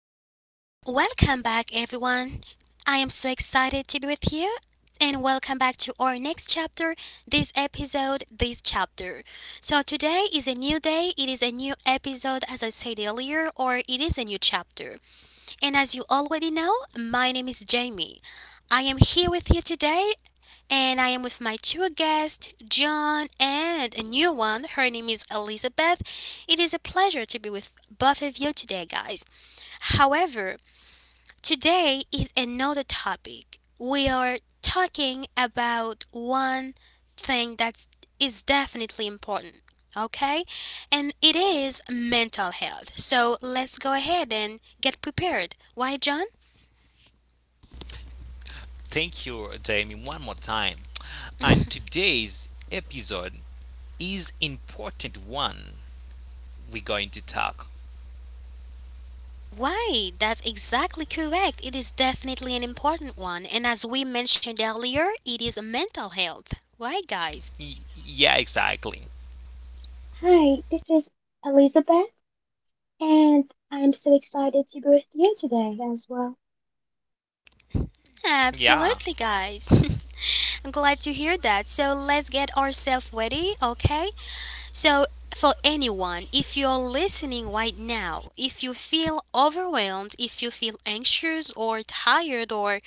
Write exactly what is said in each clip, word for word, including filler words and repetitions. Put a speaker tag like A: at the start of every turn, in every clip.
A: back, everyone. I am so excited to be with you, and welcome back to our next chapter, this episode, this chapter. So, today is a new day, it is a new episode, as I said earlier, or it is a new chapter. And as you already know, my name is Jamie. I am here with you today, and I am with my two guests, John and a new one. Her name is Elizabeth. It is a pleasure to be with both of you today, guys. However, today is another topic. We are talking about one thing that is definitely important, okay? And it is mental health. So let's go ahead and get prepared. Why, John?
B: Thank you, Jamie, one more time. And today's episode is important one we're going to talk.
A: Why? That's exactly correct. It is definitely an important one. And as we mentioned earlier, it is mental health. Right, guys?
B: Y- yeah, exactly.
C: Hi, this is Elizabeth, and I'm so excited to be with you today as well.
A: Absolutely,
B: Yeah.
A: guys. I'm glad to hear that. So let's get ourselves ready, okay? So, for anyone, if you're listening right now, if you feel overwhelmed, if you feel anxious or tired or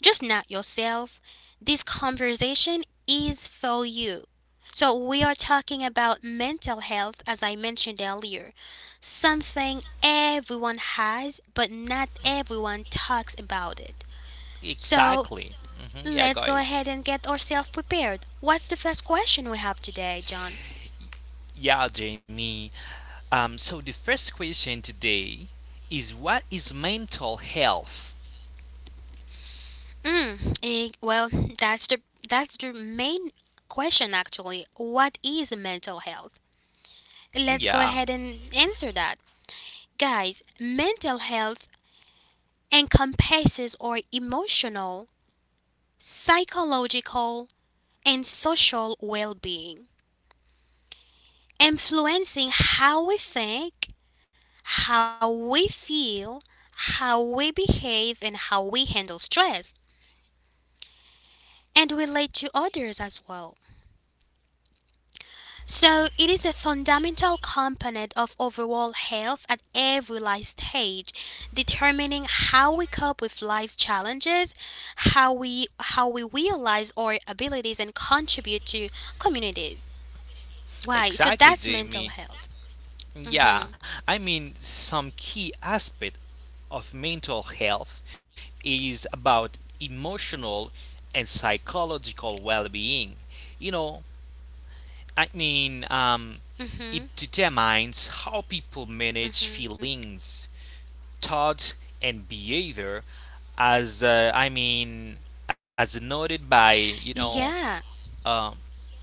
A: just not yourself, this conversation is for you. So, we are talking about mental health, as I mentioned earlier, something everyone has, but not everyone talks about it. So,
B: Exactly. hmm Yeah,
A: let's go
B: guys.
A: ahead and get ourselves prepared. What's the first question we have today, John?
B: Yeah, Jamie. Um, so the first question today is what is mental health?
A: Mm, eh, well, that's the that's the main question actually. What is mental health? Let's go
B: Yeah,
A: ahead and answer that. Guys, mental health encompasses our emotional, psychological, and social well-being, influencing how we think, how we feel, how we behave, and how we handle stress, and relate to others as well. So it is a fundamental component of overall health at every life stage, determining how we cope with life's challenges, how we how we realize our abilities and contribute to communities. Why? So
B: exactly,
A: that's mental
B: Jamie.
A: health.
B: Yeah, I mean, some key aspect of mental health is about emotional and psychological well being. You know, I mean, um,
A: hmm
B: it determines how people
A: hmm
B: manage feelings, thoughts, and behavior, as uh, I mean, as noted by you know,
A: Yeah.
B: um,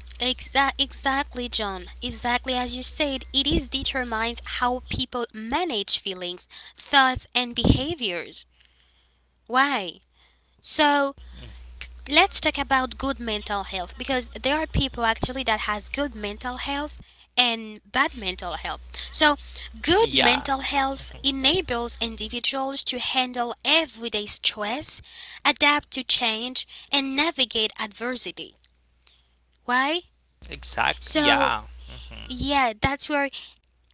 A: Exa- exactly, John. Exactly as you said, it is determines how people manage feelings, thoughts, and behaviors. Why? So, let's talk about good mental health because there are people actually that has good mental health and bad mental health. So good
B: yeah,
A: mental health enables individuals to handle everyday stress, adapt to change, and navigate adversity. Why?
B: exact,
A: So
B: yeah, mhm.
A: yeah, that's where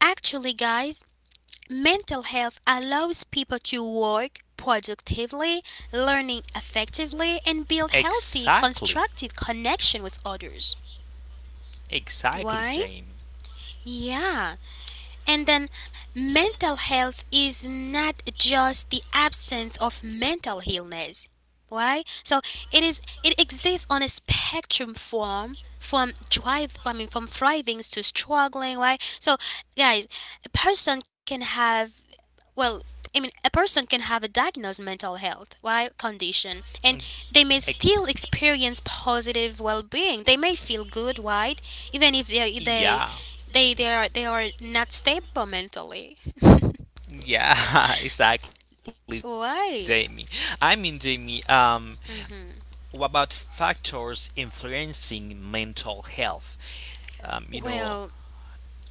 A: actually, guys, mental health allows people to work productively, learning effectively, and build healthy,
B: exactly,
A: constructive connection with others.
B: exactly,
A: Why?
B: Jane.
A: Yeah. And then mental health is not just the absence of mental illness. Why? So it is, it exists on a spectrum form from drive I mean from thriving to struggling. Why? So guys, a person can have, well, I mean, a person can have a diagnosed mental health while condition, and
B: Mm,
A: they may still
B: ex-
A: experience positive well-being. They may feel good, right, even if they they
B: yeah.
A: they they are, they are not stable mentally.
B: Yeah, exactly, Jamie. I
A: Why?
B: mean, Jamie, um, what about factors influencing mental health? Um, you know,
A: Well,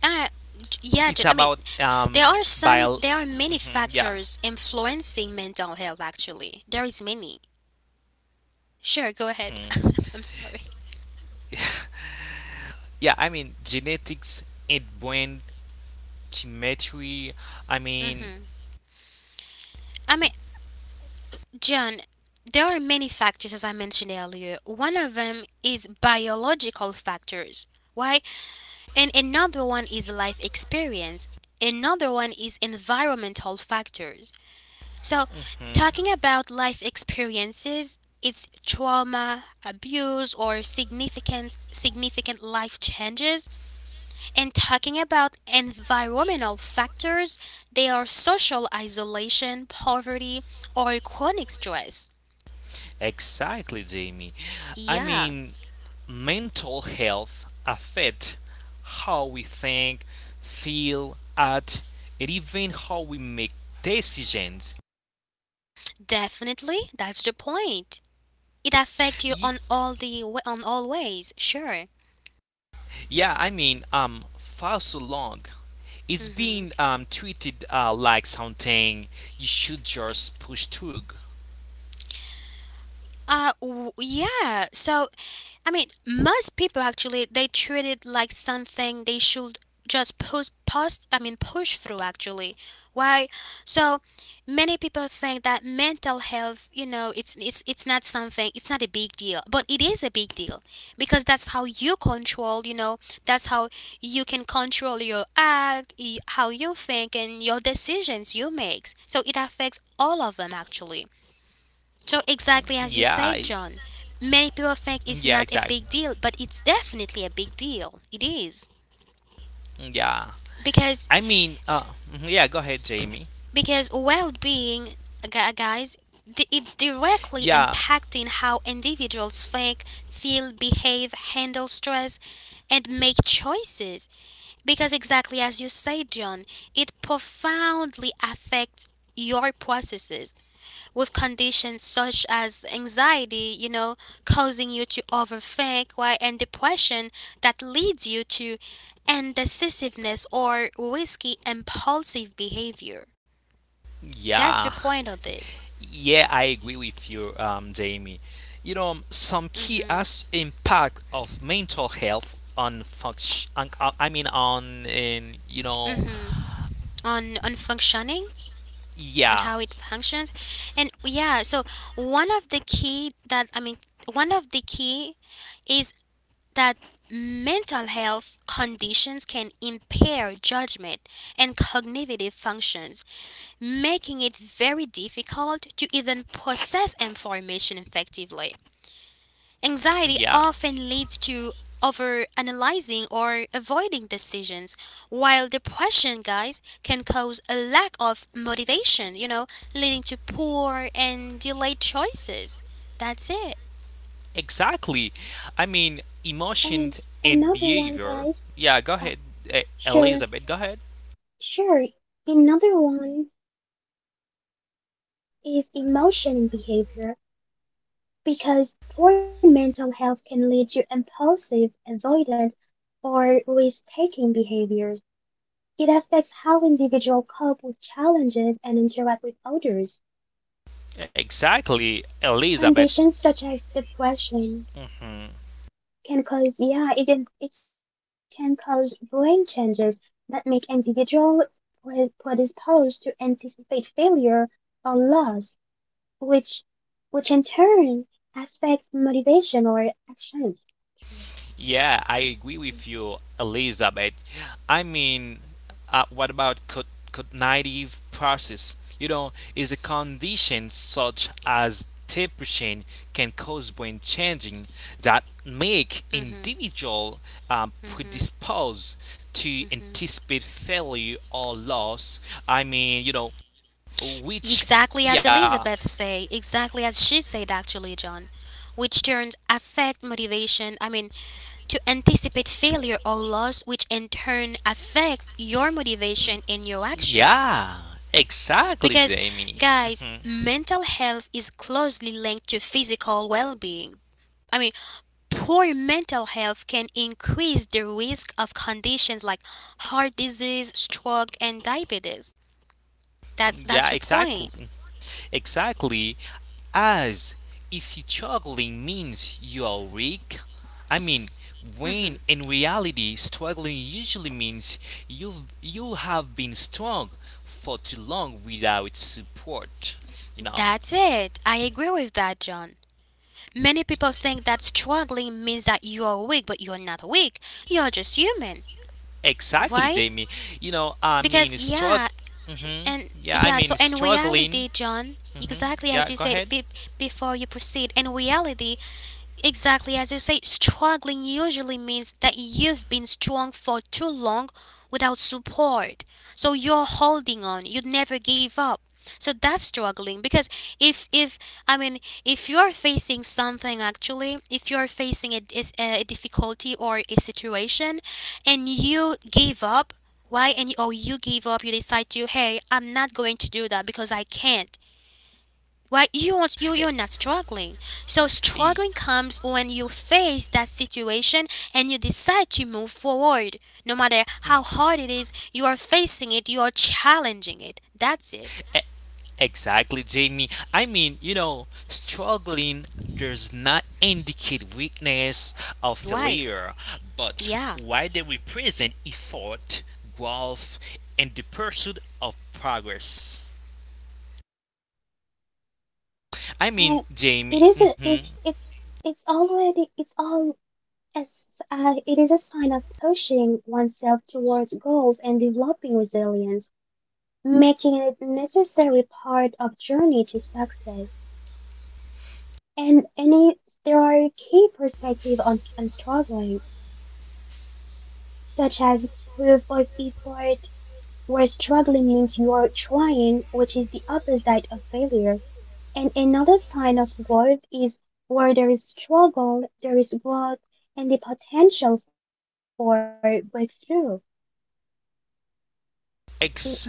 B: it's
A: I
B: about
A: Yeah,
B: um,
A: Jen, I mean,
B: bio.
A: there are some
B: Mhm,
A: there
B: yeah,
A: are many factors influencing mental health. Actually, there is many. Sure,
B: mhm.
A: go ahead. I'm sorry.
B: yeah. I mean, genetics and brain symmetry. I mean,
A: I mean, John, there are many factors, as I mentioned earlier. One of them is biological factors, right? And another one is life experience. Another one is environmental factors. So,
B: mhm.
A: talking about life experiences, it's trauma, abuse, or significant significant life changes. And talking about environmental factors, they are social isolation, poverty, or chronic stress.
B: Exactly, Jamie. I
A: Yeah,
B: mean, mental health affects how we think, feel, act, and even how we make decisions.
A: definitely. That's the point. It affects you
B: Ye-
A: on all the wa- on all ways. Sure.
B: yeah, I mean, um, for so long, it's
A: Mm-hmm.
B: been um, treated uh, like something you should just push through.
A: Uh, w- yeah. So I mean, most people actually they treat it like something they should just push, push I mean, push through. Actually, why? So many people think that mental health, you know, it's it's it's not something, it's not a big deal, but it is a big deal because that's how you control, you know, that's how you can control your act, y- how you think, and your decisions you make. So it affects all of them actually. So
B: Yeah,
A: exactly
B: I-
A: as you said, John. Many people
B: yeah,
A: think
B: exactly.
A: it's not a big deal, but it's definitely a big deal. It is
B: Yeah, I
A: because,
B: mean, uh, mhm, yeah. Go ahead, Jamie.
A: because well-being, gu- guys, di- it's directly
B: Yeah,
A: impacting how individuals think, feel, behave, handle stress, and make choices. Because exactly as you say, John, it profoundly affects your processes with conditions such as anxiety, you know, causing you to overthink, why, and depression that leads you to indecisiveness or risky impulsive behavior. That's the
B: yeah.
A: point of it.
B: Yeah, I agree with you, um, Jamie. You know, um, some key as impact of mental health on function. On, uh, I mean, on in you know,
A: hmm On on functioning and
B: yeah,
A: how it functions. And yeah, so one of the key that I mean one of the key is that mental health conditions can impair judgment and cognitive functions, making it very difficult to even process information effectively. Anxiety
B: yeah,
A: often leads to overanalyzing or avoiding decisions, while depression, guys, can cause a lack of motivation, you know, leading to poor and delayed choices. That's it.
B: exactly. I mean,
C: And
B: emotions and
C: another one,
B: behavior.
C: guys.
B: Yeah, go
C: Uh,
B: ahead, eh,
C: sure,
B: Elizabeth. Go ahead.
C: sure. Another one is emotion and behavior because poor mental health can lead to impulsive, avoidant, or risk-taking behaviors. It affects how individuals cope with challenges and interact with others.
B: Exactly, Elizabeth.
C: Conditions such as depression
B: Mhm.
C: can cause, yeah, it can it can cause brain changes that make individual pres- predisposed to anticipate failure or loss, which which in turn affects motivation or actions.
B: Yeah, I agree with you, Elizabeth, I mean, uh, what about co- cognitive process? You know, is a condition such as depression can cause brain changing that make individual um,
A: hmm
B: predisposed to anticipate failure or loss. I mean, you know, which
A: Exactly as
B: yeah.
A: Elizabeth say, exactly as she said actually, John, which turns affect motivation, I mean, to anticipate failure or loss, which in turn affects your motivation and your actions.
B: Yeah,
A: S-
B: exactly,
A: Because,
B: Jamie.
A: guys,
B: Mhm.
A: mental health is closely linked to physical well being. I mean, poor mental health can increase the risk of conditions like heart disease, stroke, and diabetes. That's, that's
B: Yeah,
A: the point.
B: exactly. Exactly. As if struggling means you are weak. I mean, when in reality, struggling usually means you've you have been strong for too long without support. You know.
A: That's it. I agree with that, John. Many people think that struggling means that you are weak, but you're not weak. You're just human.
B: Exactly,
A: Why?
B: Jamie. You know, I
A: Because,
B: mean, struggle.
A: yeah,
B: hmm
A: and
B: Yeah, I
A: yeah, so
B: mean,
A: in
B: struggling.
A: reality, John,
B: hmm
A: exactly as you
B: Yeah, go
A: said,
B: ahead.
A: be- before you proceed, in reality, exactly as you say, struggling usually means that you've been strong for too long without support. So you're holding on. You never give up. So that's struggling because if if I mean if you're facing something actually, if you're facing a, dis- a difficulty or a situation and you give up, why, and or you give up, you decide to, hey, I'm not going to do that because I can't, right? you want you
B: E-
A: you're not struggling. So
B: e-
A: struggling comes when you face that situation and you decide to move forward no matter
B: e-
A: how hard it is. You are facing it, you are challenging it. That's it.
B: e- Exactly, Jamie. I mean, you know, struggling does not indicate weakness or
A: Right.
B: failure, but
A: Yeah.
B: why they represent effort, growth, and the pursuit of progress. I mean,
C: And it
B: Jamie.
C: is a,
B: hmm
C: is it's it's already it's all as uh, it is a sign of pushing oneself towards goals and developing resilience, making it a necessary part of journey to success. And any there are key perspective on, on struggling, such as proof of effort, where struggling means you are trying, which is the opposite of failure. And another sign of growth is where there is struggle, there is growth and the potential for breakthrough. I-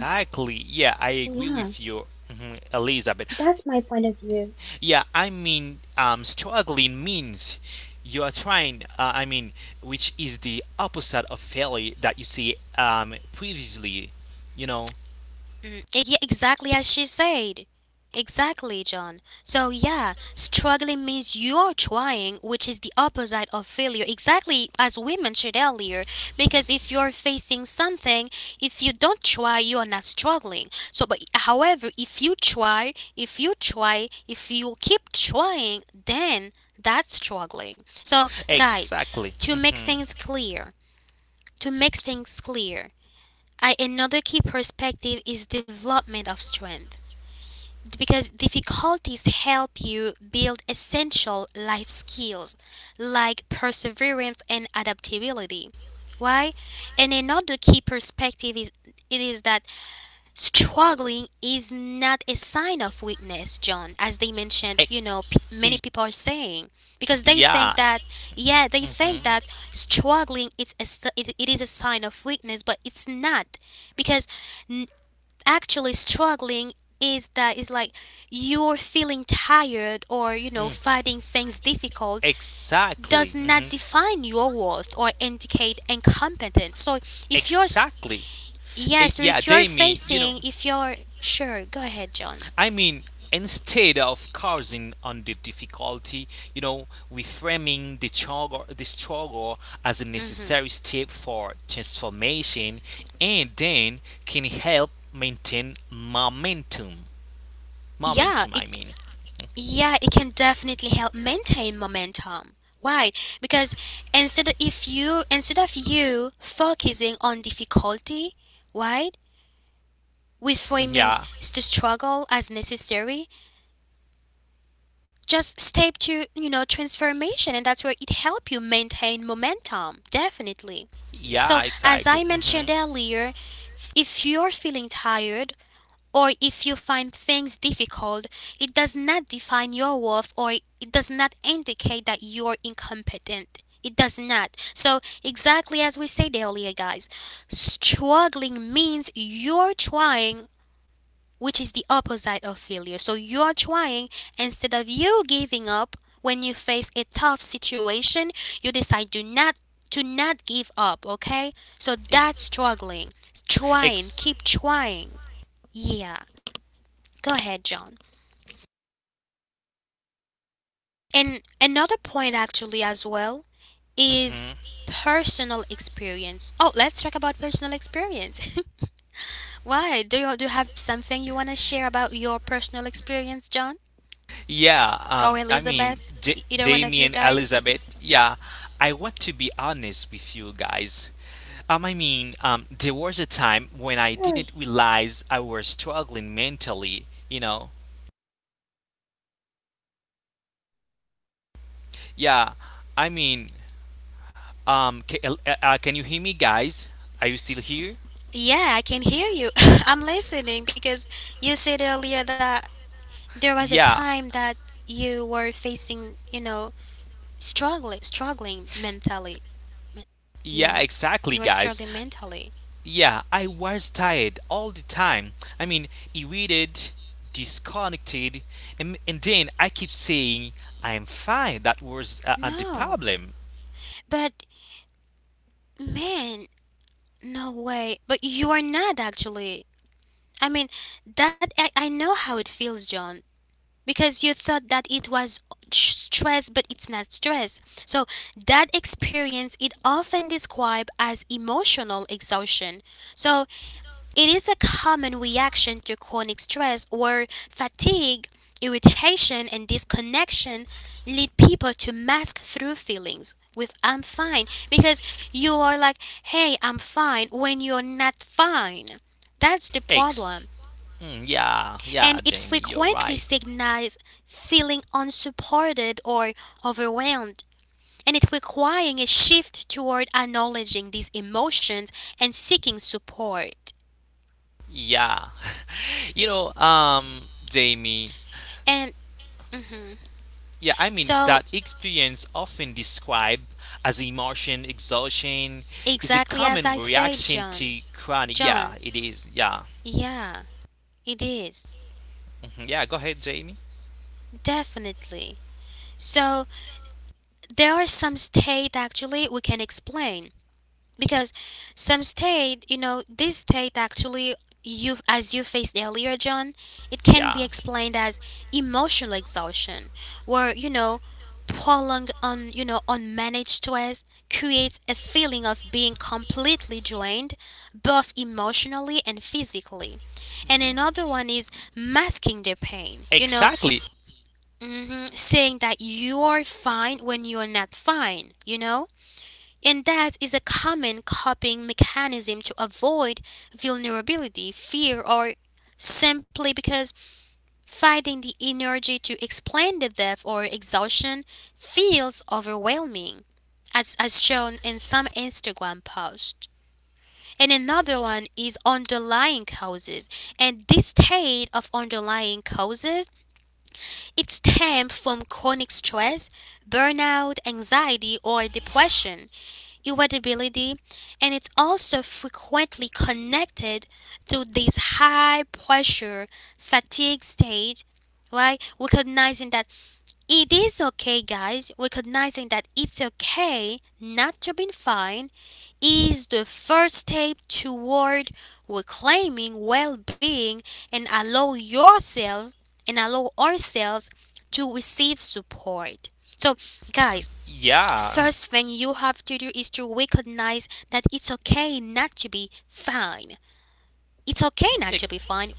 C: yeah,
B: Yeah, I agree with you,
C: that's
B: mhm,
C: my point of
B: Elizabeth.
C: view.
B: Yeah, I mean, um, struggling means you are trying. Uh, I mean, which is the opposite of failure that you see um, previously. You know.
A: Mm, ex- yeah, exactly as she said. Exactly, John. So, yeah, struggling means you're trying, which is the opposite of failure, exactly as we mentioned earlier. Because if you're facing something, if you don't try, you're not struggling. So, but however, if you try, if you try, if you keep trying, then that's struggling. So, guys,
B: Exactly.
A: to make
B: Hmm
A: things clear, to make things clear, I, another key perspective is development of strength because difficulties help you build essential life skills like perseverance and adaptability. Why? And another key perspective is, it is that struggling is not a sign of weakness, John, as they mentioned, you know, p- many people are saying because they
B: yeah.
A: think that, yeah, they think that struggling, it's a s- it, it is a sign of weakness, but it's not because, n- actually struggling is that, is like you're feeling tired or, you know,
B: hmm
A: finding things difficult,
B: Exactly.
A: does not
B: mhm.
A: define your worth or indicate incompetence. So if you're,
B: Exactly.
A: yeah,
B: Eh,
A: so
B: yeah,
A: if you're
B: Jamie, you know,
A: facing, if you're, sure, go ahead, John.
B: I mean, instead of causing on the difficulty, you know, reframing the struggle, the struggle as a
A: hmm
B: necessary step for transformation, and then can help maintain momentum.
A: Yeah,
B: Momentum,
A: it,
B: I mean.
A: yeah, it can definitely help maintain momentum. Why? Because instead of, if you, instead of you focusing on difficulty, right,
B: Mhm,
A: reframing
B: yeah,
A: s- the struggle as necessary, just step to, you know, transformation, and that's where it help you maintain momentum. Definitely. So
B: yeah,
A: as I
B: exactly.
A: mentioned
B: hmm
A: earlier, if you're feeling tired or if you find things difficult, it does not define your worth, or it does not indicate that you're incompetent. It does not. So, exactly as we said earlier, guys, struggling means you're trying, which is the opposite of failure. So, you're trying instead of you giving up. When you face a tough situation, you decide to not, to not give up, okay? So
B: E-
A: that's struggling. Trying,
B: Ex-
A: keep trying. Yeah. Go ahead, John. And another point, actually, as well,
B: Mhm.
A: is personal experience. Oh, let's talk about personal experience. Why? Do you, do you have something you want to share about your personal experience, John?
B: Yeah,
A: Or
B: um, I mean,
A: Elizabeth? E-
B: D-
A: Either one of you
B: Damien,
A: guys?
B: Elizabeth, yeah, I want to be honest with you guys. Um, I mean, um, there
C: Sure,
B: was a time when I didn't realize I was struggling mentally, you know?
C: really,
B: Yeah, I mean, um, ca- uh, uh, can you hear me, guys? Are you still here?
A: Yeah, I can hear you. I'm listening because you said earlier that there was a
B: Yeah.
A: time that you were facing, you know, struggling, struggling mentally. Me-
B: Yeah,
A: Yeah,
B: exactly,
A: you were
B: guys.
A: struggling mentally.
B: Yeah, I was tired all the time. I mean, irritated, disconnected, and, and then I keep saying, I'm fine. That was uh, uh, the
A: No,
B: problem.
A: but man, no way. But you are not actually. I mean, that I, I know how it feels, John, because you thought that it was sh- stress, but it's not stress. So that experience it often described as emotional exhaustion. So it is a common reaction to chronic stress where fatigue, irritation, and disconnection lead people to mask through feelings with I'm fine, because you are like, hey, I'm fine when you're not fine. That's the
B: Ex.
A: problem.
B: Mm, yeah, yeah,
A: And it
B: Jamie, you're
A: frequently
B: right.
A: signals feeling unsupported or overwhelmed. And it requiring a shift toward acknowledging these emotions and seeking support.
B: Yeah. You know, um, Jamie,
A: And mhm.
B: yeah, I mean
A: so
B: that experience, often described as emotion exhaustion, is a
A: exactly as
B: common
A: I said,
B: reaction
A: John.
B: to chronic. Yeah,
A: John,
B: it is. Yeah.
A: yeah, it is.
B: Mhm. Yeah. Go ahead, Jamie.
A: Definitely. So, there are some states actually we can explain. Because some state, you know this state actually, you, as you faced earlier, John, it can be
B: Yeah,
A: explained as emotional exhaustion where, you know prolonged, on, you know unmanaged stress creates a feeling of being completely drained, both emotionally and physically. And another one is masking the pain you know
B: exactly.
A: hmm Saying that you are fine when you are not fine you know and that is a common coping mechanism to avoid vulnerability, fear, or simply because finding the energy to explain the depth or exhaustion feels overwhelming, as, as shown in some Instagram posts. And another one is underlying causes. And this state of underlying causes, it stems from chronic stress, burnout, anxiety, or depression, irritability, and it's also frequently connected to this high pressure fatigue state, right? Recognizing that it is okay, guys. Recognizing that it's okay not to be fine is the first step toward reclaiming well-being and allow yourself and allow ourselves to receive support. So, guys,
B: Yeah,
A: first thing you have to do is to recognize that it's okay not to be fine. It's okay not to be fine.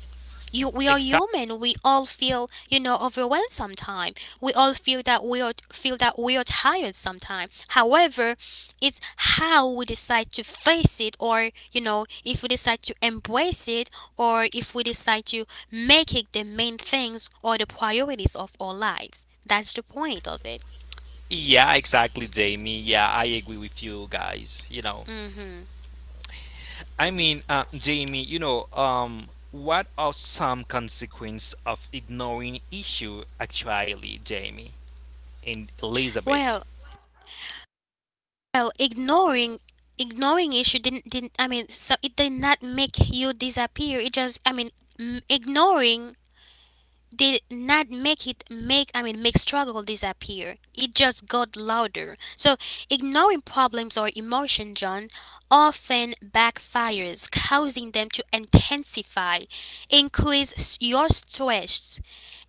A: You, we are
B: exactly.
A: human. We all feel, you know, overwhelmed sometimes. We all feel that we are feel that we are tired sometimes. However, it's how we decide to face it, or you know, if we decide to embrace it, or if we decide to make it the main things or the priorities of our lives. That's the point of it.
B: Yeah, exactly, Jamie. Yeah, I agree with you guys. You know,
A: hmm
B: I mean, uh, Jamie. You know, um, what are some consequences of ignoring issue actually, Jamie and Elizabeth?
A: Well, well, ignoring ignoring issue didn't didn't I mean so it did not make you disappear. It just, I mean m- ignoring did not make it, make I mean make struggle disappear. It just got louder. So ignoring problems or emotion, John, often backfires, causing them to intensify, increase s- your stress,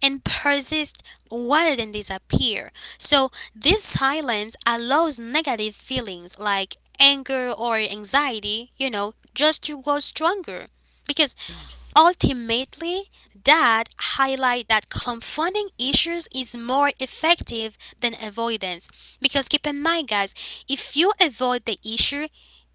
A: and persist rather than disappear. So this silence allows negative feelings like anger or anxiety, you know, just to grow stronger because ultimately, that highlight that confronting issues is more effective than avoidance. Because keep in mind, guys, if you avoid the issue,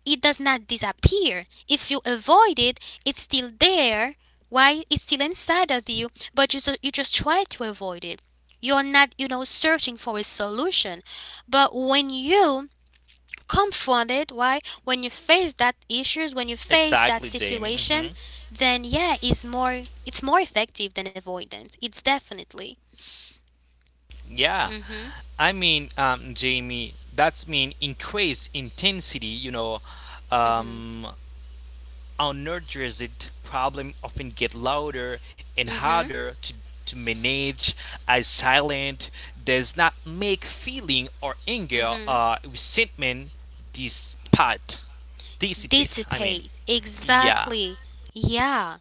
A: it does not disappear. If you avoid it, it's still there. Why? It's still inside of you, but you, so you just try to avoid it. You're not, you know, searching for a solution. But when you comforted, why, when you face that issues, when you face that
B: Exactly, Jamie.
A: situation,
B: hmm
A: then yeah, it's more it's more effective than avoidance, it's definitely.
B: Yeah.
A: Mm-hmm.
B: I mean, um, Jamie, that's mean increased intensity, you know,
A: Mm-hmm.
B: um, unaddressed problem often get louder and
A: Mm-hmm.
B: harder to, to manage as silent does not make feeling or anger
A: Mm-hmm.
B: or resentment dissipate. Dissipate, I mean.
A: Dissipate,
B: Yeah.
A: exactly. Yeah.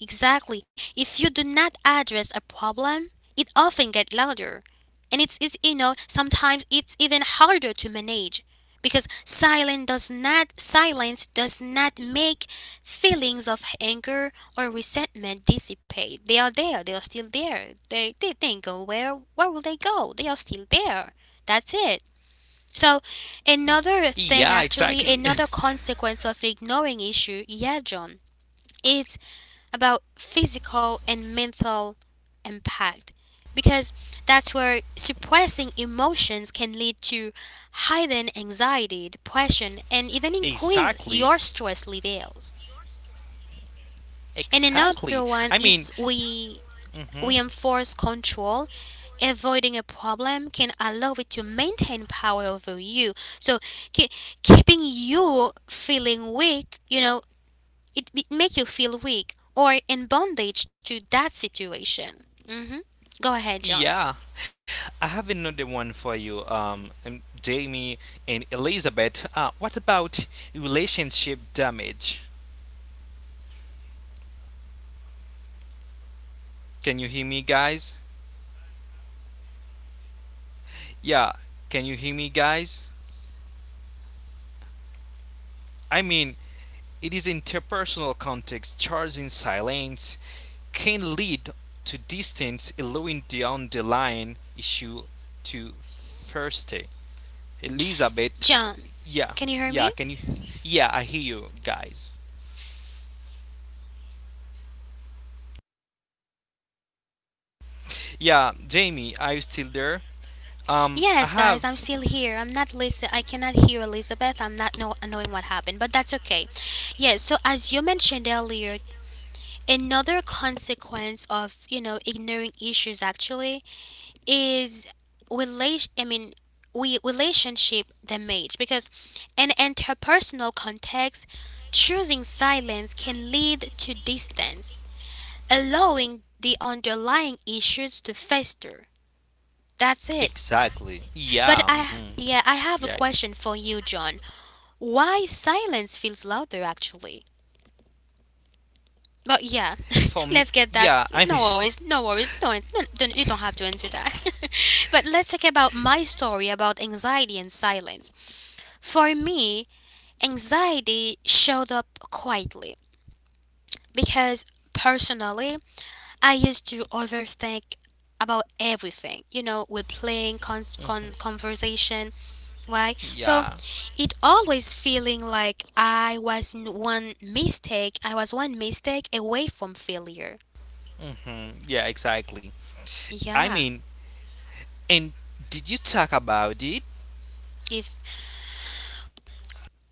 A: Exactly. If you do not address a problem, it often gets louder. And it's, it's you know, sometimes it's even harder to manage because silence does not silence does not make feelings of anger or resentment dissipate. They are there. They are still there. They they didn't go where where will they go? They are still there. That's it.
B: Yeah,
A: So
B: exactly.
A: another thing actually, another consequence of ignoring issue, yeah, John. It's about physical and mental impact because that's where suppressing emotions can lead to heightened anxiety, depression, and even
B: Exactly.
A: increase your stress levels.
B: Exactly.
A: And
B: I mean,
A: another one is, we
B: mhm.
A: we enforce control. Avoiding a problem can allow it to maintain power over you. So ke- keeping you feeling weak, you know, it, it make you feel weak or in bondage to that situation. Mm hmm Go ahead, John.
B: Yeah, I have another one for you, um, um, Jamie and Elizabeth. Uh, what about relationship damage?
C: I can answer that. For me
B: Can you hear me,
C: personally,
B: guys?
C: yes, can you hear me?
B: Yeah, can you hear me, guys?
C: Sure. Can you hear
B: I mean, it is interpersonal context, charging silence can lead to distance, allowing the underlying issue to Thursday. Elizabeth,
A: John,
B: yeah,
A: can you hear me?
B: yeah, can you? Yeah, I hear you, guys.
C: Guys, can you hear me? Hello?
B: Yeah, Jamie, are you still there? Um, I
A: Yes, guys,
B: have.
A: I'm still here. I'm not listen. I cannot hear Elizabeth. I'm not know- knowing what happened, but that's okay. Yes. So as you mentioned earlier, another consequence of, you know, ignoring issues actually is relation, I mean we relationship damage because in interpersonal context, choosing silence can lead to distance, allowing the underlying issues to fester. That's it.
B: Exactly.
A: But
B: Yeah,
A: I
B: hmm yeah,
A: Yeah,
B: it
A: I
B: is.
A: have a question for you, John. Why silence feels louder actually? But yeah,
B: For me,
A: let's get that.
B: yeah, I mean,
A: No worries, no worries. Don't, no, don't, you don't have to answer that. But let's talk about my story about anxiety and silence. For me, anxiety showed up quietly because personally, I used to overthink about everything. You know, with playing con-
B: Mhm,
A: con- conversation, right? So
B: yeah,
A: it always feeling like I was n- one mistake. I was one mistake away from failure.
B: hmm yeah, exactly.
A: Yeah.
B: I mean, and did you talk about it?
A: If,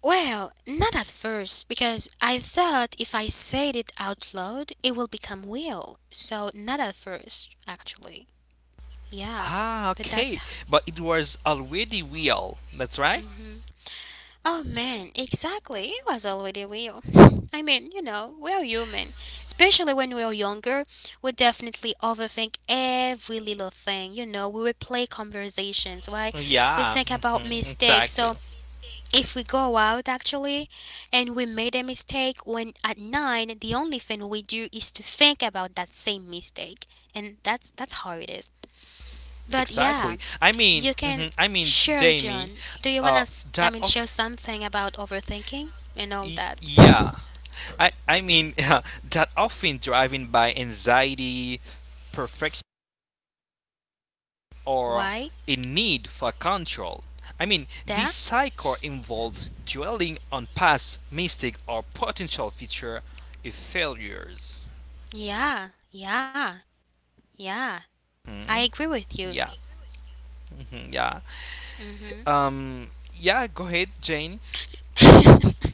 A: well, not at first, because I thought if I said it out loud, it will become will. So not at first, actually. Yeah,
B: Ah,
A: but that's.
B: okay, but it was already real. That's right.
A: Hmm. Oh man, exactly. It was already will. I mean, you know, we're human. Especially when we're younger, we definitely overthink every little thing. You know, we replay conversations, right? We
B: Yeah,
A: think about
B: hmm
A: mistakes.
B: exactly.
A: So if we go out actually and we made a mistake when at nine, the only thing we do is to think about that same mistake. And that's that's how it is. But yeah,
B: Exactly. I mean,
A: you can
B: mhm, I mean,
A: share,
B: Jamie,
A: John. Do you want
B: uh,
A: to, I
B: that
A: mean,
B: of
A: share something about overthinking and all
B: y-
A: that?
B: yeah. I I mean that often driven by anxiety, perfection, or
A: Why?
B: a need for control. I mean, this
A: That?
B: cycle involves dwelling on past mistake or potential future failures.
A: Yeah. Yeah. Yeah. I
B: Hmm?
A: agree with you.
B: Yeah. Mhm, yeah.
A: Mhm.
B: Um. Yeah. Go ahead, Jane.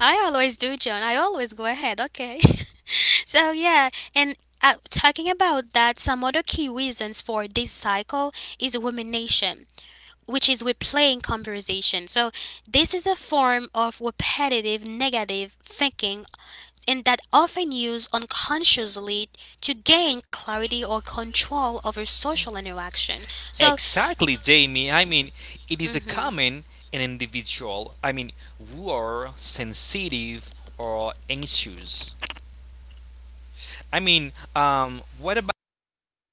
A: I always do, John. I always go ahead. Okay. So yeah, and uh, talking about that, some other key reasons for this cycle is rumination, which is replaying conversation. So this is a form of repetitive negative thinking, and that often used unconsciously to gain clarity or control over social interaction. So.
B: Exactly, Jamie. I mean, it is a
A: Mhm.
B: common an individual. I mean, who are sensitive or anxious. I mean, um, what about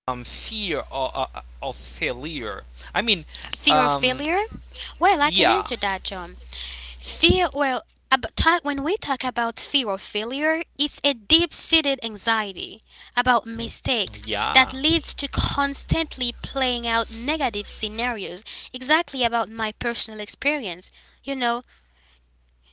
B: um fear or uh, uh, of failure? I mean,
A: Fear of
B: um,
A: failure? Well, I can
B: yeah,
A: answer that, John. Fear, well, ab- ta- when we talk about fear of failure, it's a deep seated anxiety about mistakes
B: yeah,
A: that leads to constantly playing out negative scenarios, exactly about my personal experience. You know,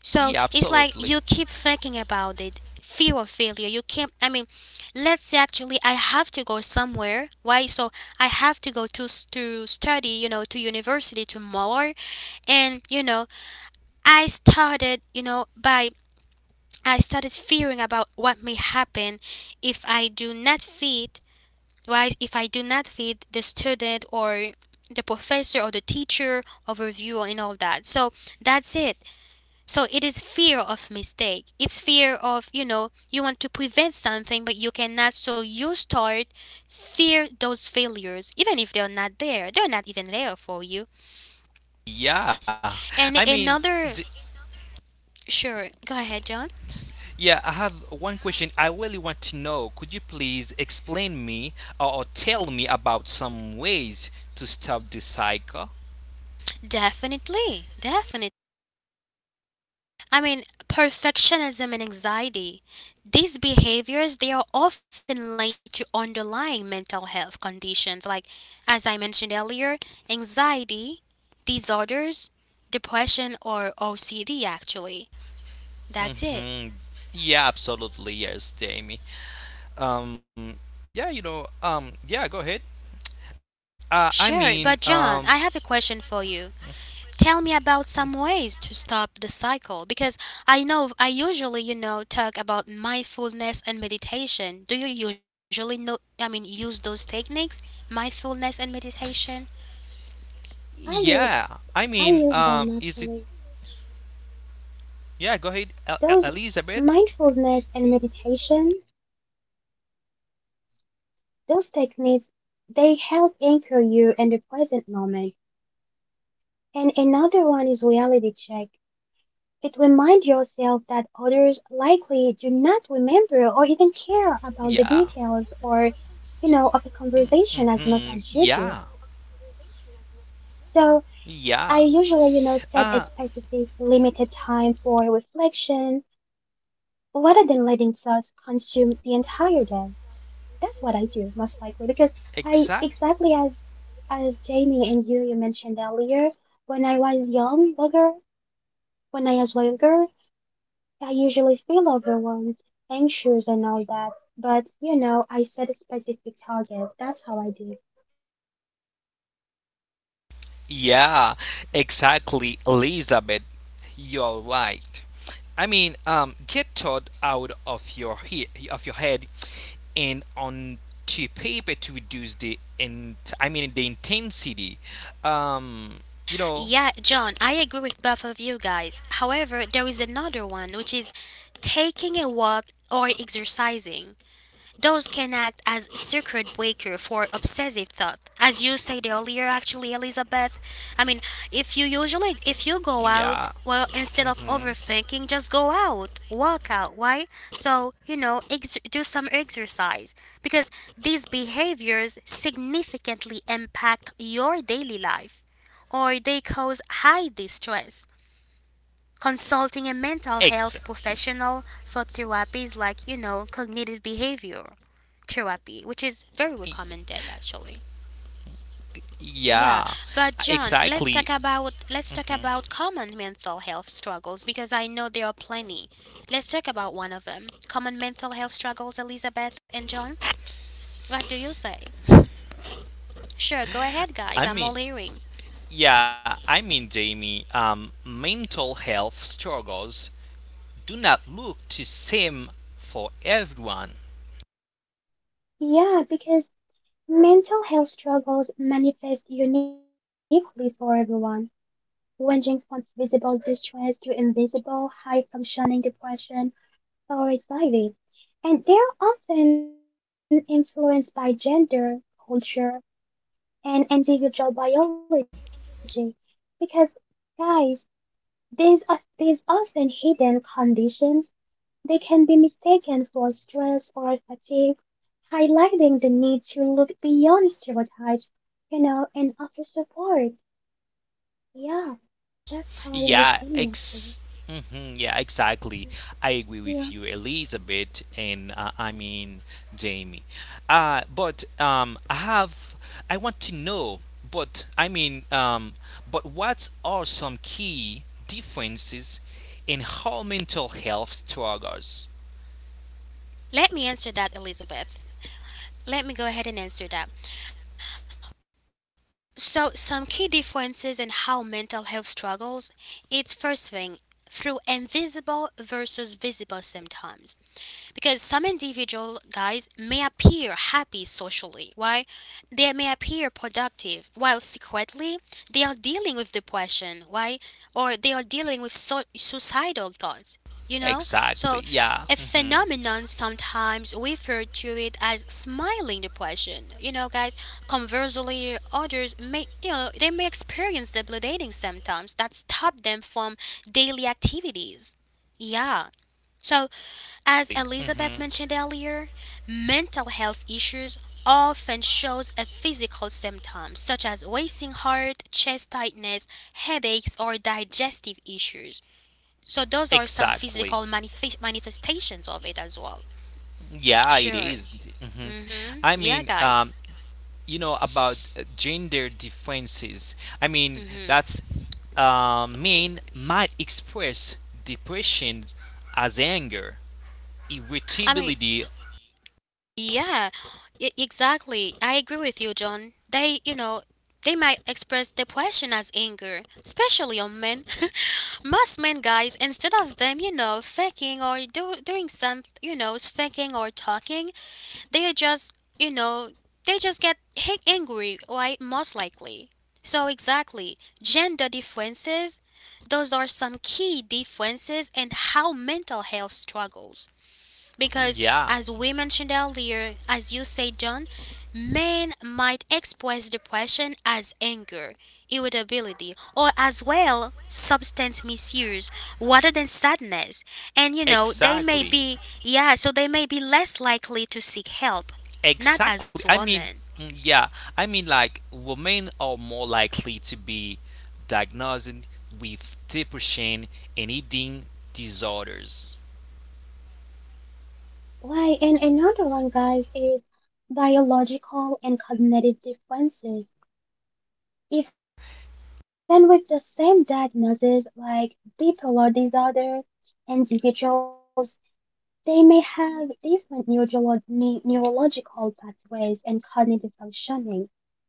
A: so
B: yeah,
A: it's like
B: absolutely.
A: you keep thinking about it, fear of failure. You can't, I mean, let's say actually I have to go somewhere, right? So I have to go to, s- to study, you know, to university tomorrow. And, you know, I started, you know, by, I started fearing about what may happen if I do not fit, right? If I do not fit the student or the professor or the teacher overview and all that. So that's it. So it is fear of mistake. It's fear of, you know, you want to prevent something but you cannot. So you start fear those failures even if they're not there. They're not even there for you.
B: Yeah, I
A: And
B: mean, d-
A: another, sure, go ahead, John.
B: Yeah, I have one question I really want to know. Could you please explain me or, or tell me about some ways to stop the cycle?
A: Definitely. Definitely. I mean, perfectionism and anxiety. These behaviors, they are often linked to underlying mental health conditions like, as I mentioned earlier, anxiety disorders, depression, or O C D, actually. That's it.
B: hmm Yeah, absolutely. Yes, Jamie. Um, yeah, you know, um, yeah, go ahead. Uh, I
A: Sure, but
B: mean,
A: John,
B: um,
A: I have a question for you. Tell me about some ways to stop the cycle because I know I usually, you know, talk about mindfulness and meditation. Do you usually know, I mean, use those techniques, mindfulness and meditation?
B: yeah, I mean, um,
C: I
B: is it,
C: use I use them actually.
B: yeah, go ahead, El-
C: Those
B: El- Elizabeth.
C: mindfulness and meditation, those techniques, they help anchor you in the present moment. And another one is reality check. It reminds yourself that others likely do not remember or even
B: Yeah,
C: care about the details or, you know, of a
B: hmm yeah,
C: conversation as much as you do.
B: yeah.
C: So
B: Uh,
C: I usually, you know, set time for reflection rather than letting thoughts consume the entire day. That's what I do most likely because
B: exactly.
C: I exactly as as Jamie and you, you mentioned earlier, when I was young, younger, when I was younger, I usually feel overwhelmed, anxious, and all that. But you know, I set a specific target. That's how I do.
B: Yeah, exactly, Elizabeth. You're right. I mean, um, get thought out of your he- of your head and onto paper to reduce the in I mean the intensity. Um, you know,
A: Yeah, John, I agree with both of you guys. However, there is another one which is taking a walk or exercising. Those can act as circuit breaker for obsessive thought. As you said earlier, actually, Elizabeth, I mean, if you usually, if you go out,
B: yeah.
A: well, instead of
B: Mm-hmm.
A: overthinking, just go out, walk out, why? So, you know, ex- do some exercise because these behaviors significantly impact your daily life or they cause high distress. Consulting a mental
B: Ex.
A: health professional for therapy is like, you know, cognitive behavior therapy, which is very recommended actually. Yeah,
B: Yeah,
A: but John, let's
B: exactly.
A: talk about let's talk
B: hmm
A: about common mental health struggles because I know there are plenty. Let's talk about one of them. Common mental health struggles, Elizabeth and John. What do you say? Sure, go ahead guys, I'm
B: I
A: all
B: mean,
A: hearing.
B: Yeah, I mean, Jamie, um, mental health struggles do not look the same for everyone.
C: Yeah, because mental health struggles manifest uniquely for everyone, ranging from visible distress to invisible, high functioning depression or anxiety, and they are often influenced by gender, culture, and individual biology. Because, guys, these, of these often hidden conditions, they can be mistaken for stress or fatigue, highlighting the need to look beyond stereotypes, you know, and offer support. Yeah, that's how I
B: Yeah,
C: understand it
B: ex-
C: actually.
B: mhm, yeah, exactly. I agree
C: Yeah.
B: with you, Elizabeth, and uh, I mean, Jamie. Uh, but um, I have, I want to know, but I mean, um, but what are some key differences in how mental health struggles?
A: Let me answer that, Elizabeth. Let me go ahead and answer that. So, some key differences in how mental health struggles, it's first thing through invisible versus visible symptoms. Because some individual guys may appear happy socially, why they may appear productive, while secretly they are dealing with depression, why or they are dealing with so- suicidal thoughts. You know, so
B: Exactly.
A: a
B: Yeah. mhm.
A: phenomenon sometimes referred to it as smiling depression. You know, guys, conversely, others may, you know, they may experience debilitating symptoms that stop them from daily activities. Yeah. So, as Elizabeth
B: hmm
A: mentioned earlier, mental health issues often shows a physical symptom such as racing heart, chest tightness, headaches or digestive issues. So those are some
B: Exactly.
A: physical manifest- manifestations of it as well.
B: Yeah, it
A: Sure.
B: is. Mhm.
A: Mhm.
B: I
A: Yeah,
B: mean,
A: guys.
B: um, you know about uh, gender differences. I mean,
A: Mhm.
B: that's uh, men might express depression as anger,
A: I mean,
B: irritability.
A: yeah, e- exactly. I agree with you, John. They, you know, they might express depression as anger, especially on men. Most men, guys, instead of them, you know, faking or do- doing some, you know, faking or talking, they are just, you know, they just get hit angry, right? Most likely. So, exactly, gender differences, those are some key differences in how mental health struggles. Because,
B: Yeah.
A: as we mentioned earlier, as you say, John, men might express depression as anger, irritability, or as well substance misuse rather than sadness. And you know, they may
B: Exactly.
A: be, yeah, so they may be less likely to seek help, not as
B: Exactly. I mean,
A: women.
B: mm, yeah. I mean, like, women are more likely to be diagnosed with depression and eating disorders.
C: Why? And another one, guys, is biological and cognitive differences. Even with the same diagnosis like bipolar disorder and individuals, they may have different neurolo- ne- neurological pathways and cognitive functioning.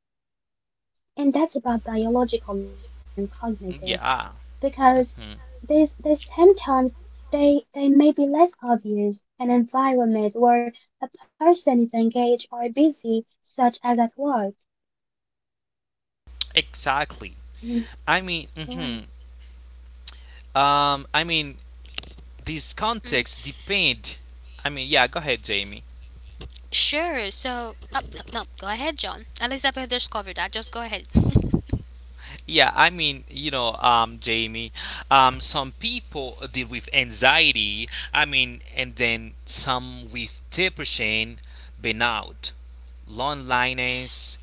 C: And that's about biological and
B: Mm,
C: cognitive,
B: yeah.
C: because
B: mhm,
C: these, these symptoms, they, they may be less obvious in an environment where a person is engaged or busy, such as at work.
B: Exactly. I
C: Mm,
B: mean, hmm
C: right.
B: um, I mean, this
A: Mm,
B: context depend. I mean, yeah. Go ahead, Jamie.
A: sure, so, uh, uh, no, go ahead, John. Elizabeth discovered that, just go ahead.
B: Yeah, I mean, you know, um, Jamie, um, some people deal with anxiety, I mean, and then some with depression, burnout, loneliness,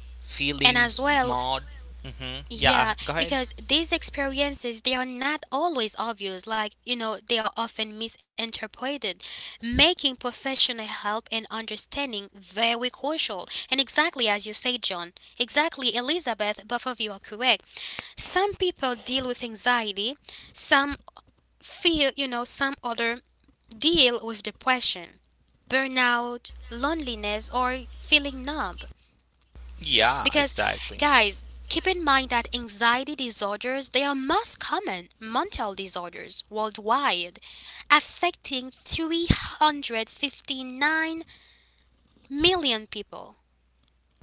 A: And
B: feeling
A: as well,
B: mod. Mm-hmm.
A: yeah,
B: Yeah, go ahead.
A: because these experiences they are not always obvious. Like, you know, they are often misinterpreted, making professional help and understanding very crucial. And exactly as you say, John, exactly Elizabeth, both of you are correct. Some people deal with anxiety, some feel, you know, some other deal with depression, burnout, loneliness or feeling numb.
B: Yeah,
A: Because,
B: exactly.
A: guys, keep in mind that anxiety disorders they are most common mental disorders worldwide, affecting three hundred fifty-nine million people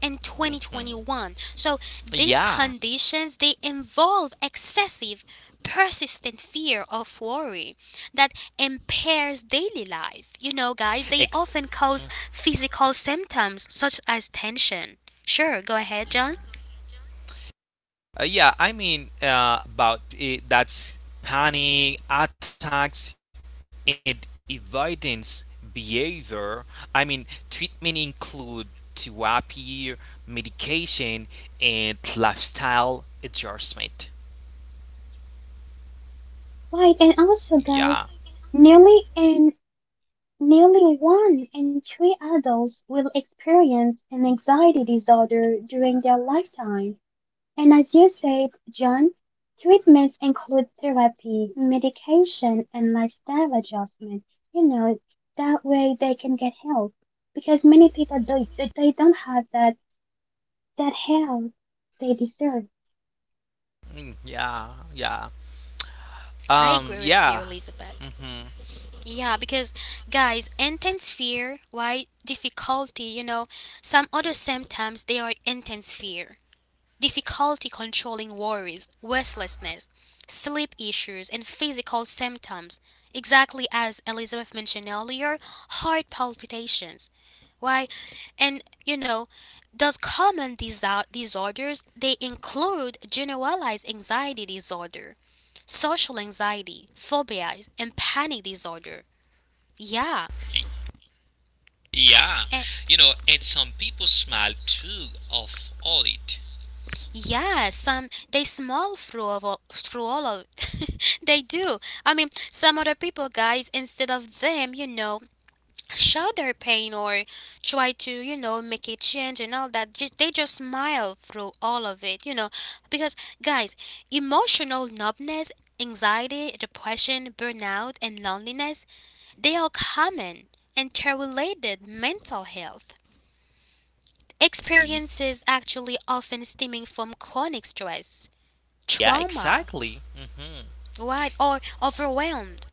A: in
B: hmm
A: twenty twenty-one. So these
B: Yeah,
A: conditions they involve excessive persistent fear of worry that impairs daily life. You know guys, they
B: ex.
A: often cause physical symptoms such as tension. Sure, go ahead, John.
B: Uh, yeah, I mean uh, about uh, that's panic attacks and avoidance behavior. I mean treatment include therapy, medication, and lifestyle adjustment.
C: Right, and also,
B: Yeah.
C: guys, Nearly an nearly one in three adults will experience an anxiety disorder during their lifetime. And as you said, John, treatments include therapy, medication, and lifestyle adjustment. You know, that way they can get help because many people do, do- they don't have that that help they deserve.
B: Mm, yeah, yeah.
A: I
B: Um,
A: agree with
B: yeah.
A: you, Elizabeth.
B: hmm
A: Yeah, because guys, intense fear, why difficulty, you know, some other symptoms they are intense fear, difficulty controlling worries, restlessness, sleep issues, and physical symptoms. Exactly as Elizabeth mentioned earlier, heart palpitations. Why, and you know, those common disa- disorders they include generalized anxiety disorder, social anxiety, phobia, and panic disorder. Yeah,
B: Y- Yeah,
A: and
B: you know, and some people smile too of all it.
A: yeah, some they small through all, through all of They do. I mean, some other people, guys, instead of them, you know, show their pain or try to, you know, make a change and all that. ju- They just smile through all of it, you know, because guys, emotional numbness, anxiety, depression, burnout, and loneliness. They are common, and interrelated mental health
B: Y-
A: experiences actually often stemming from chronic stress,
B: yeah,
A: trauma,
B: exactly. hmm
A: right, or overwhelmed.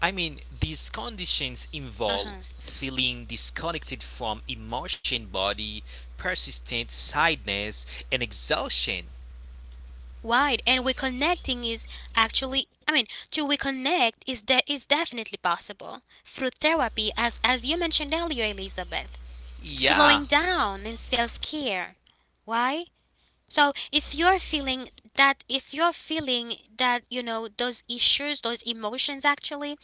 B: I mean, these conditions involve
A: Uh-huh.
B: feeling disconnected from emotion, body, persistent sadness, and exhaustion.
A: Right, and reconnecting is actually, I mean, to reconnect is that is definitely possible through therapy, as as you mentioned earlier, Elizabeth.
B: Yeah,
A: Slowing down and self care. Why? So if you're feeling that if you're feeling that you know those issues, those emotions actually,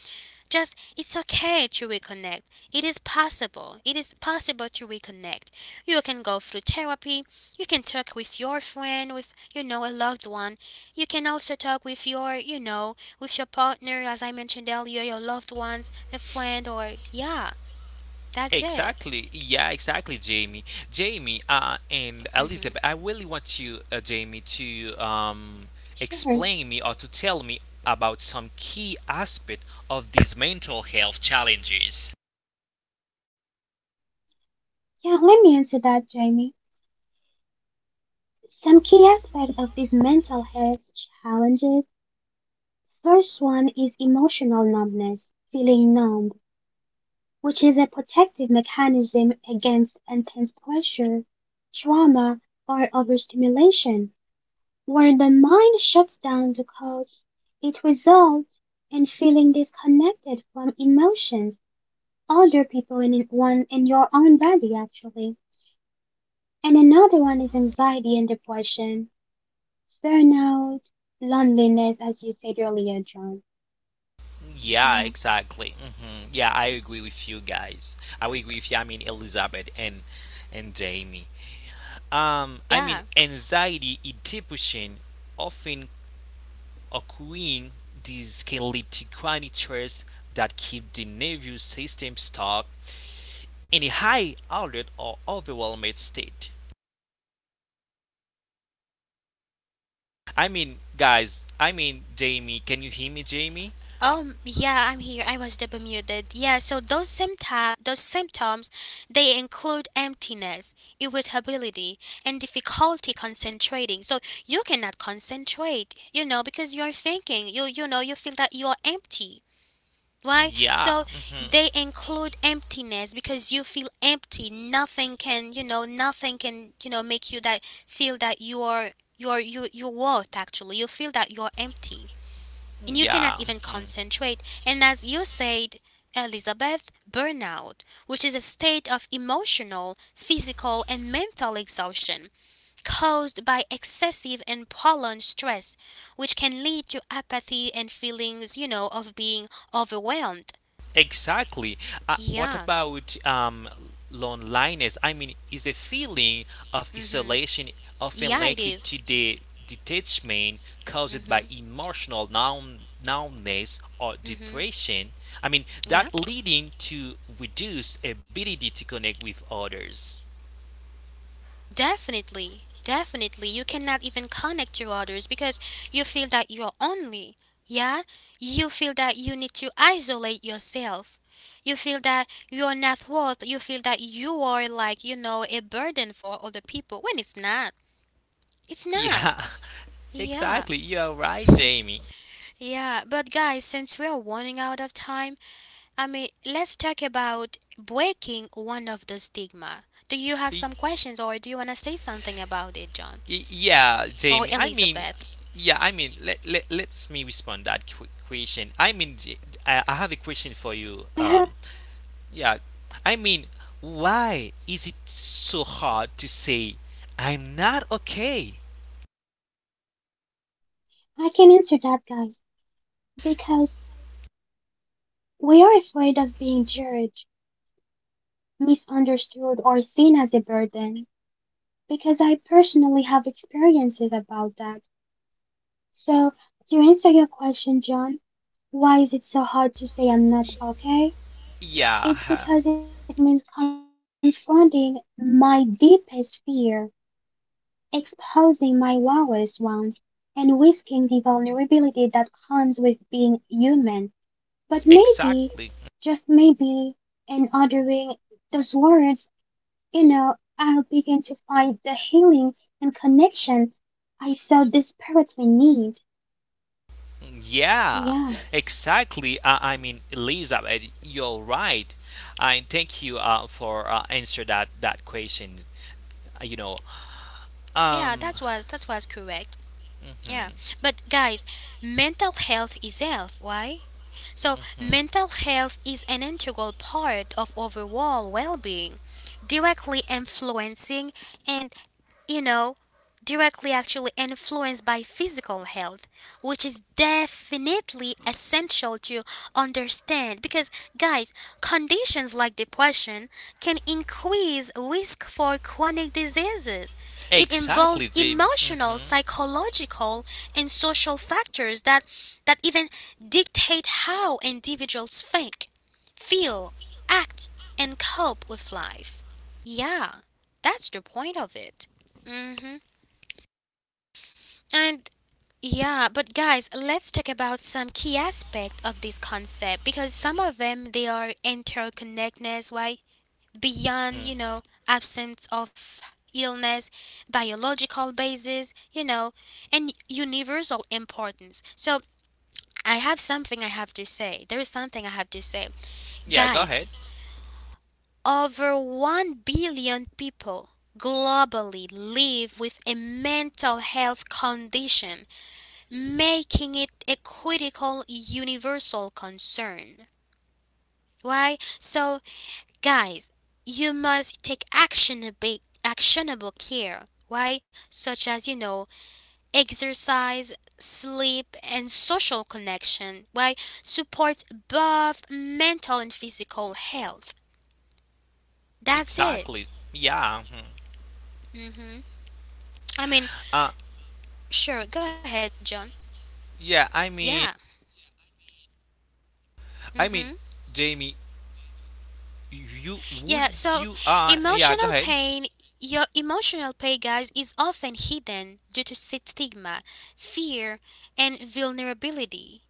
A: just it's okay to reconnect. It is possible. It is possible to reconnect. You can go through therapy, you can talk with your friend, with you know a loved one. You can also talk with your, you know, with your partner as I mentioned earlier, your loved ones, a friend or yeah, that's it.
B: exactly. Yeah, exactly, Jamie. Jamie, uh, and
A: Mhm.
B: Elizabeth, I really want you, uh, Jamie, to um,
C: Sure.
B: explain me or to tell me about some key aspect of these mental health challenges.
C: Yeah, let me answer that, Jamie. Some key aspect of these mental health challenges. First one is emotional numbness, feeling, which is a protective mechanism against intense pressure, trauma, or overstimulation, where the mind shuts down to cope. It results in feeling disconnected from emotions, other people in one in your own body actually. And another one is anxiety and depression, burnout, loneliness, as you said earlier, John.
B: Yeah,
C: Yeah.
B: exactly. hmm Yeah, I agree with you guys. I agree with you. I mean, Elizabeth and and Jamie. Um, I
A: Yeah.
B: mean, anxiety and depression often occurring. These can lead to chronic stress that keep the nervous system stuck in a high alert or overwhelmed state. I mean, guys. I mean, Jamie. Can you hear me, Jamie?
A: Um, yeah, I'm here. I was the Bermuda. Yeah, so those symptom, those symptoms, they include emptiness, irritability, and difficulty concentrating. So you cannot concentrate, you know, because you're thinking. You you know, you feel that you're empty. Why?
B: Yeah.
A: So
B: hmm
A: they include emptiness because you feel empty. Nothing can, you know, nothing can, you know, make you that feel that you are you're you you worth actually. You feel that you're empty and you cannot
B: Yeah.
A: even
B: hmm
A: concentrate. And as you said, Elizabeth, burnout, which is a state of emotional, physical, and mental exhaustion caused by excessive and prolonged stress, which can lead to apathy and feelings, you know, of being overwhelmed.
B: Exactly. Uh, what
A: Yeah.
B: about um, loneliness? I mean, is a feeling of
A: Mhm.
B: isolation often
A: Yeah, it
B: linked
A: is.
B: to the detachment caused by
A: Mhm.
B: emotional numb- numbness or
A: Mhm.
B: depression? I mean, that
A: Yeah.
B: leading to reduced ability to connect with others.
A: Definitely, definitely. You cannot even connect to others because you feel that you are only. Yeah? You feel that you need to isolate yourself. You feel that you're not worth. You feel that you are like, you know, a burden for other people when it's not. It's not.
B: Yeah,
A: Yeah.
B: exactly. You are right, Jamie.
A: Yeah. But guys, since we are running out of time, I mean, let's talk about breaking one of the stigma. Do you have
B: Y-
A: some questions or do you want to say something about it, John?
B: y- yeah,
A: Or
B: Jamie. I mean,
A: Elizabeth?
B: yeah, I mean, let, let let's me respond that qu- question. I mean, j- I, I have a question for you.
C: I have
B: Um, yeah, I mean, why is it so hard to say I'm not okay?
C: I can answer that, guys, because we are afraid of being judged, misunderstood, or seen as a burden. Because I personally have experiences about that. So, to answer your question, John, why is it so hard to say I'm
B: Y-
C: not
B: Yeah, huh,
C: okay? It's because it means confronting my deepest fear, exposing my wildest wounds, and risking the vulnerability that comes with being. But maybe,
B: exactly.
C: just maybe, in uttering those words, you know, I'll begin to find the healing and connection I so desperately need.
B: Yeah,
C: Yeah,
B: exactly. Uh, I mean, Elizabeth, you're right. I thank you uh, for uh, answer that that question. Uh, You know,
A: Yeah,
B: um,
A: that was that was correct. Yeah.
B: mhm,
A: But guys, mental health is health, why? So
B: mhm.
A: mental health is an integral part of overall well-being, directly influencing and you know, directly actually influenced by physical health, which is definitely essential to understand because, guys, conditions like depression can increase risk for chronic diseases. It involves
B: Exactly, Jamie.
A: emotional,
B: hmm
A: psychological, and social factors that, that even dictate how individuals think, feel, act, and cope with life. Yeah, that's the point of it. Mm-hmm. And yeah, but guys, let's talk about some key aspect of this concept because some of them they are interconnectedness, why beyond you
B: Mm.
A: know absence of illness, biological basis, you know, and universal importance. So I have something I have to say. There is something I have to say,
B: Yeah, go
A: guys.
B: ahead.
A: Over one billion people globally live with a mental health condition making it a critical universal concern. Why? So, guys, you must take actionable, actionable care. Why? Such as, you know, exercise, sleep, and social connection. Why? Supports both mental and physical health. That's it.
B: Exactly. Yeah. mhm.
A: Hmm. I mean,
B: Uh
A: sure, go ahead, John.
B: yeah, I
A: Yeah.
B: mean I
A: Hmm.
B: mean Jamie, you would
A: Yeah, so
B: you uh yeah, go
A: emotional
B: ahead.
A: pain, your emotional pain, guys, is often hidden due to sti- stigma, fear, and vulnerability,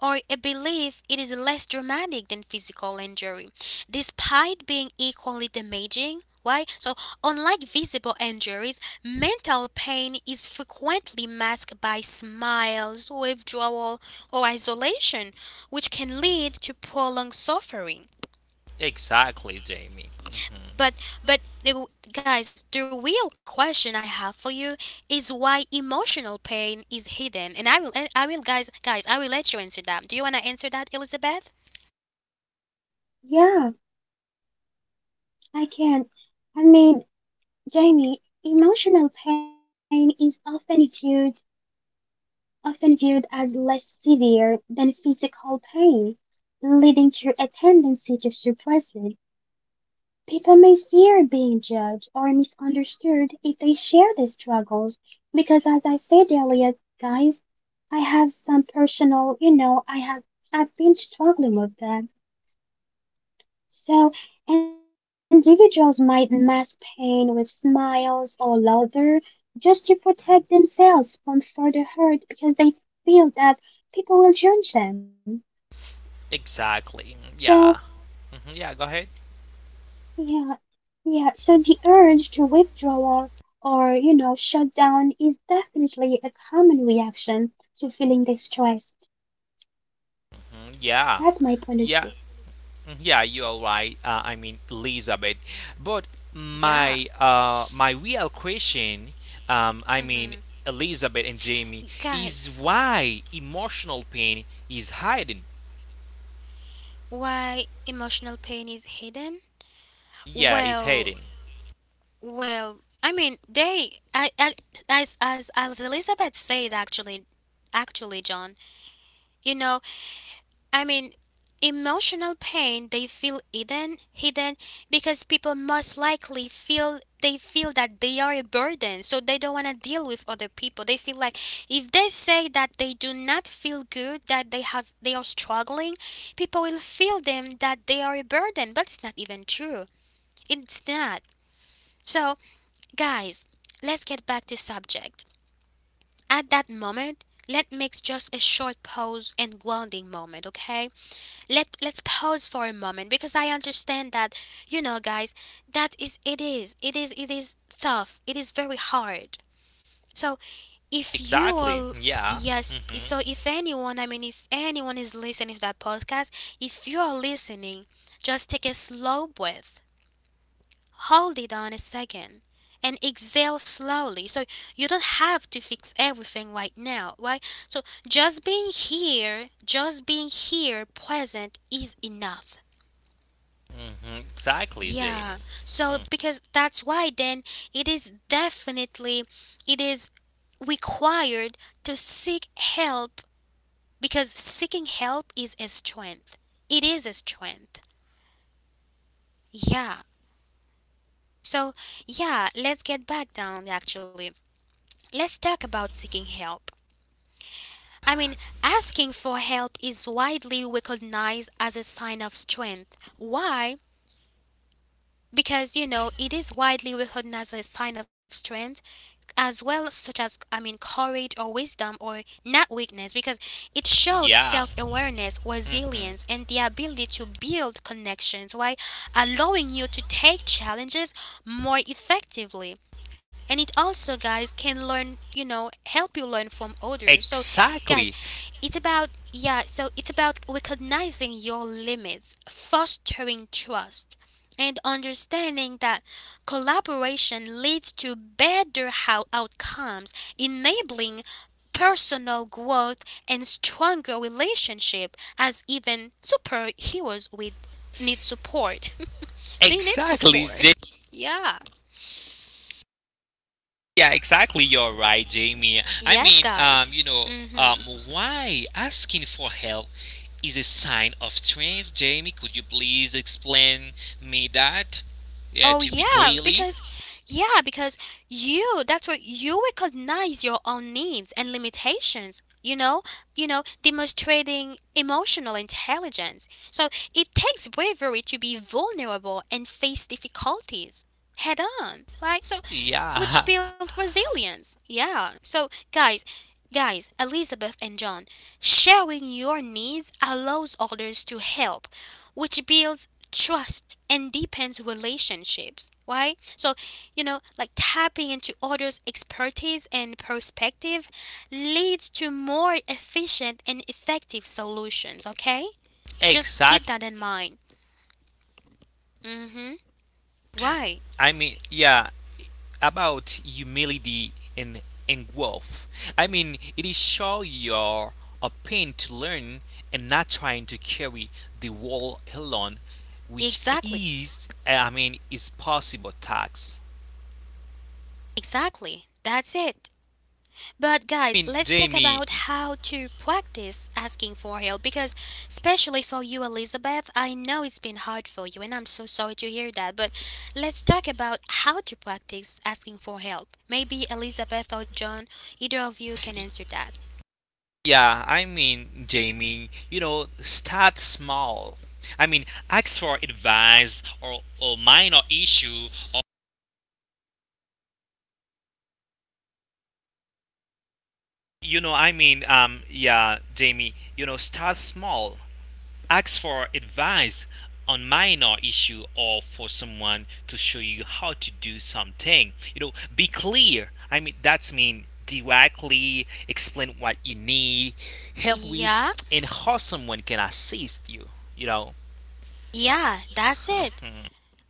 A: or a belief it is less dramatic than physical injury, despite being equally damaging. Why? So, unlike visible injuries, mental pain is frequently masked by smiles, withdrawal, or isolation, which can
B: Mm.
A: lead to prolonged suffering.
B: Exactly, Jamie. hmm
A: But but the guys, the real question I have for you is why emotional pain is hidden, and I will and I will guys guys I will let you answer that. Do you wanna answer that, Elizabeth?
C: yeah, I can. I mean, Jamie, emotional pain is often viewed often viewed as less severe than physical pain, leading to a tendency to suppress it. People may fear being judged or misunderstood if they share their struggles because, as I said earlier, guys, I have some personal, you know, I have I've been struggling with that. So individuals might mask pain with smiles or laughter just to protect themselves from further hurt because they feel that people will judge them.
B: Exactly. Mm,
C: So,
B: yeah. hmm Yeah, go ahead.
C: yeah, yeah, so the urge to withdrawal or, you know, shut down is definitely a common reaction to feeling distressed.
B: Mhm. Yeah.
C: That's my point
B: Yeah.
C: of view.
B: Mm, yeah, you are right. Uh, I mean, Elizabeth. But my
A: Yeah.
B: uh, my real question, um, I mean,
A: Mm-hmm.
B: Elizabeth and Jamie, is
A: Guys,
B: why emotional pain is hiding.
A: why emotional pain is hidden?
B: Yeah, is
A: Well,
B: hiding.
A: well, I mean they I, I as as as Elizabeth said actually actually, John, you know I mean, emotional pain they feel hidden, hidden because people most likely feel they feel that they are a burden, so they don't want to deal with other people. They feel like if they say that they do not feel good, that they have they are struggling, people will feel them that they are a burden, but it's not even true. It's not. So, guys, let's get back to subject. At that moment, let makes just a short pause and grounding moment, okay? let let's pause for a moment because I understand that you know guys that is it is it is it is tough, it is very hard, so if you
B: Exactly.
A: are
B: Yeah.
A: yes so
B: Mhm.
A: if anyone I mean if anyone is listening to that podcast, if you are listening, just take a slow breath, hold it on a second, and exhale slowly. So you don't have to fix everything right now, right? So just being here just being here present is enough.
B: Mhm. Exactly,
A: Yeah.
B: Jamie.
A: So because that's why then it is definitely it is required to seek help because seeking help is a strength. It is a strength. Yeah. So yeah, let's get back down actually. Let's talk about seeking help. I mean, asking for help is widely recognized as a sign of strength. Why? Because, you know, it is widely recognized as a sign of strength as well, such as I mean courage or wisdom or not weakness, because it shows
B: Yeah.
A: self-awareness,
B: Mhm.
A: resilience, and the ability to build connections while allowing you to take challenges more effectively, and it also guys can learn you know help you learn from others. So guys,
B: Exactly.
A: it's about, yeah, so it's about recognizing your limits, fostering trust, and understanding that collaboration leads to better how outcomes, enabling personal growth and stronger relationship as even superheroes with need support. They need
B: Exactly,
A: support. Yeah.
B: yeah, exactly. You're right, Jamie. I
A: Yes,
B: mean,
A: guys.
B: um, you know, um,
A: Mhm.
B: why asking for help is a sign of strength, Jamie? Could you please explain me that? Yeah,
A: Oh
B: to be
A: yeah,
B: clearly.
A: because yeah, because you that's what you recognize your own needs and limitations, you know? You know, demonstrating emotional intelligence. So it takes bravery to be vulnerable and face difficulties head on, right? So
B: Yeah,
A: which build resilience. Yeah. So guys, guys, Elizabeth and John, sharing your needs allows others to help, which builds trust and depends relationships, right? So you know like tapping into others expertise and perspective leads to more efficient and effective solutions, okay? Just keep
B: exactly.
A: that in mind. Mhm. Why?
B: I mean, yeah, about humility and, and growth. I mean, it is sure you're a pain to learn and not trying to carry the wall alone, which
A: Exactly,
B: is, I mean, is possible tax.
A: exactly, that's it. But
B: I
A: guys,
B: mean,
A: let's talk
B: Jamie,
A: about how to practice asking for help because especially for you Elizabeth, I know it's been hard for you and I'm so sorry to hear that, but let's talk about how to practice asking for help. Maybe Elizabeth or John, either of you can
B: y-
A: answer that.
B: yeah, I mean, Jamie,
C: I
B: you
C: can
B: know,
C: answer that. uh,
B: start
C: I
B: small.
C: can.
B: I mean, ask for
C: Can you hear
B: advice
C: me?
B: or, or minor issue.
C: Can you hear me? Yeah, so as I mentioned earlier,
B: You
C: I
B: know, I
C: can
B: mean,
C: answer that
B: um, yeah, Jamie,
C: because
B: you know, start
C: can you
B: small.
C: hear me?
B: Ask for advice on minor issue or for someone to show you how to do something. You know, be clear. I mean, that's mean directly explain what you need, help with,
A: Yeah?
B: and how someone can assist you. You know,
A: Yeah, that's it.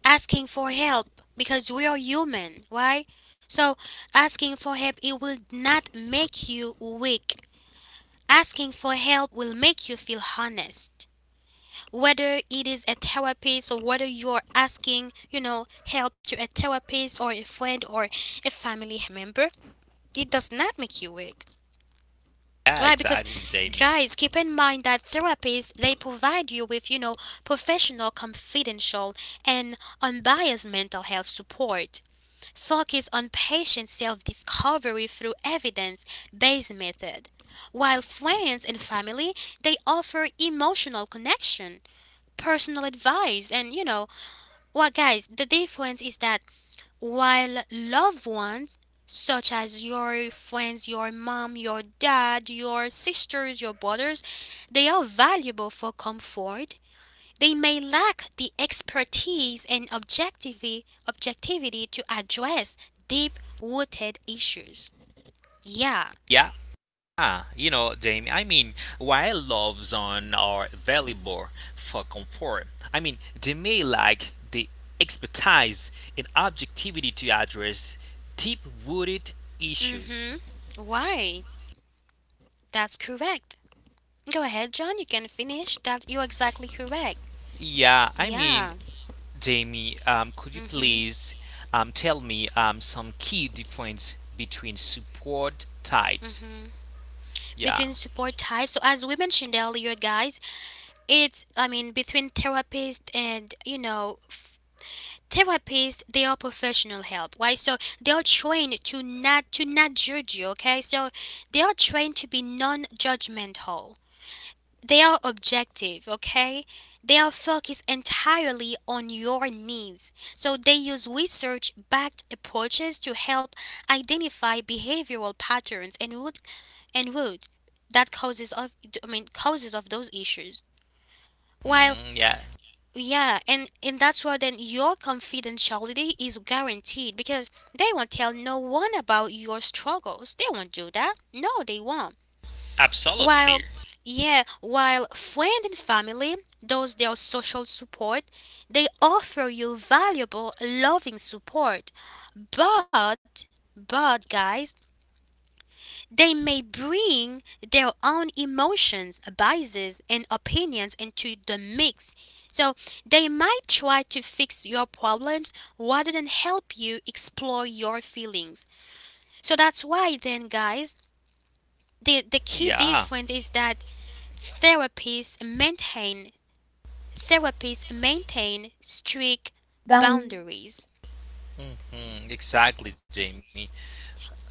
A: Asking for help because we are human, right? So, asking for help it will not make you weak. Asking for help will make you feel honest, whether it is a therapist or whether you're asking, you know, help to a therapist or a friend or a family member, it does not make you weak.
B: yeah,
A: Right,
B: exactly,
A: because
B: Jamie.
A: guys, keep in mind that therapists they provide you with, you know, professional, confidential, and unbiased mental health support. Focus on patient self-discovery through evidence-based method. While friends and family, they offer emotional connection, personal advice. And you know what, guys, the difference is that while loved ones, such as your friends, your mom, your dad, your sisters, your brothers, they are valuable for comfort. They may lack the expertise and objectivity, objectivity to address deep rooted issues. Yeah.
B: Yeah. Ah, you know, Jamie, I mean,
C: And
B: while loves on are valuable for comfort, I mean, they may lack the expertise and objectivity to address deep rooted issues.
A: Mm-hmm. Why? That's correct. Go ahead, John. You can finish. That you're exactly correct.
B: Yeah, I mean,
A: Yeah.
B: Jamie, um, could you
A: Mm-hmm,
B: please um, tell me um, some key difference between support types?
A: mm-hmm.
B: Yeah.
A: Between support types, so as we mentioned earlier, guys, it's I mean between therapist and you know f- therapist, they are professional help, right? So they are trained to not to not judge you, okay? So they are trained to be non-judgmental. They are objective, okay? They are focused entirely on your needs. So they use research backed approaches to help identify behavioral patterns and root and root that causes of I mean causes of those issues. While
B: Mm, yeah,
A: yeah, and and that's why then your confidentiality is guaranteed because they won't tell no one about your struggles. They won't do that. No, they won't.
B: absolutely.
A: While yeah, while friend and family, those their social support, they offer you valuable loving support. But but guys, they may bring their own emotions, biases, and opinions into the mix. So they might try to fix your problems rather than help you explore your feelings. So that's why, then, guys, the, the key
B: Yeah,
A: difference is that therapists maintain therapists maintain strict boundaries.
B: hmm exactly, Jamie. Um.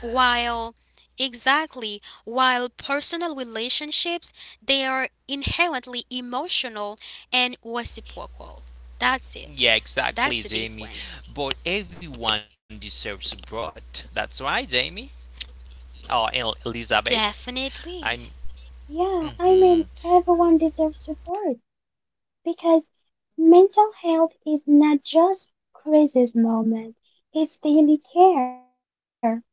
A: While, exactly, while personal relationships, they are inherently emotional and reciprocal.
B: Yeah,
A: That's it.
B: exactly, Jamie.
A: That's the
B: But
A: difference.
B: everyone deserves a broad. That's right, Jamie. Or El- Elizabeth. I'm.
A: Definitely.
C: Yeah,
B: Mm-hmm.
C: I mean, everyone deserves support because mental health is not just crisis moment, it's daily care.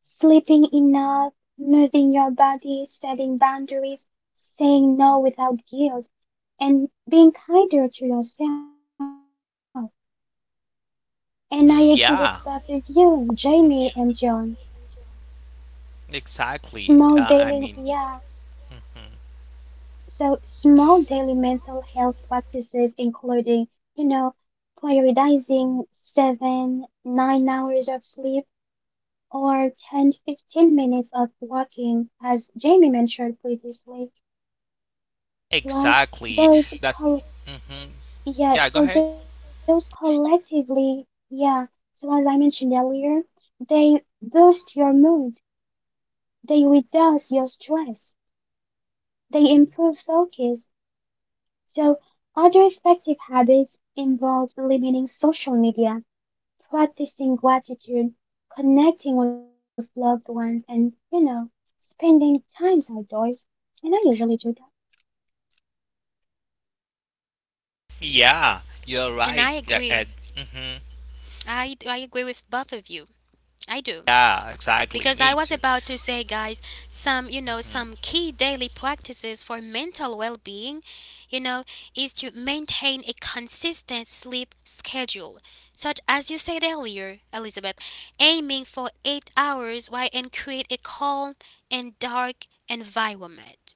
C: Sleeping enough, moving your body, setting boundaries, no without guilt, and being kinder to yourself.
B: hmm
C: And I agree
B: Yeah.
C: with both of you, Jamie
B: Mm-hmm.
C: and John.
B: Exactly. Uh,
C: Small
B: I mean,
C: daily, yeah.
B: mm-hmm.
C: So small daily mental health practices including, you know, prioritizing seven, nine hours of sleep or ten, to fifteen minutes of walking, as Jamie mentioned previously.
B: Exactly.
C: Those
B: That's.
C: col
B: hmm Yeah,
C: Yeah,
B: go ahead.
C: so those collectively, yeah, so as I mentioned earlier, they boost your mood, they reduce your stress, they improve focus. So, other effective habits involve limiting social media, practicing gratitude, connecting with loved ones, and, you know, spending time outdoors. And I usually do that.
B: Yeah, you're
A: And
B: right.
A: I
B: Yeah,
A: agree.
B: Ed. hmm
A: I, I agree with both of you. I do.
B: Yeah, exactly.
A: Because I
B: Me
A: was
B: too.
A: about to say, guys, some, you know, some
B: hmm
A: key daily practices for mental well being, you know, is to maintain a consistent sleep schedule, such as you said earlier, Elizabeth, aiming for eight hours, why, and create a calm and dark environment.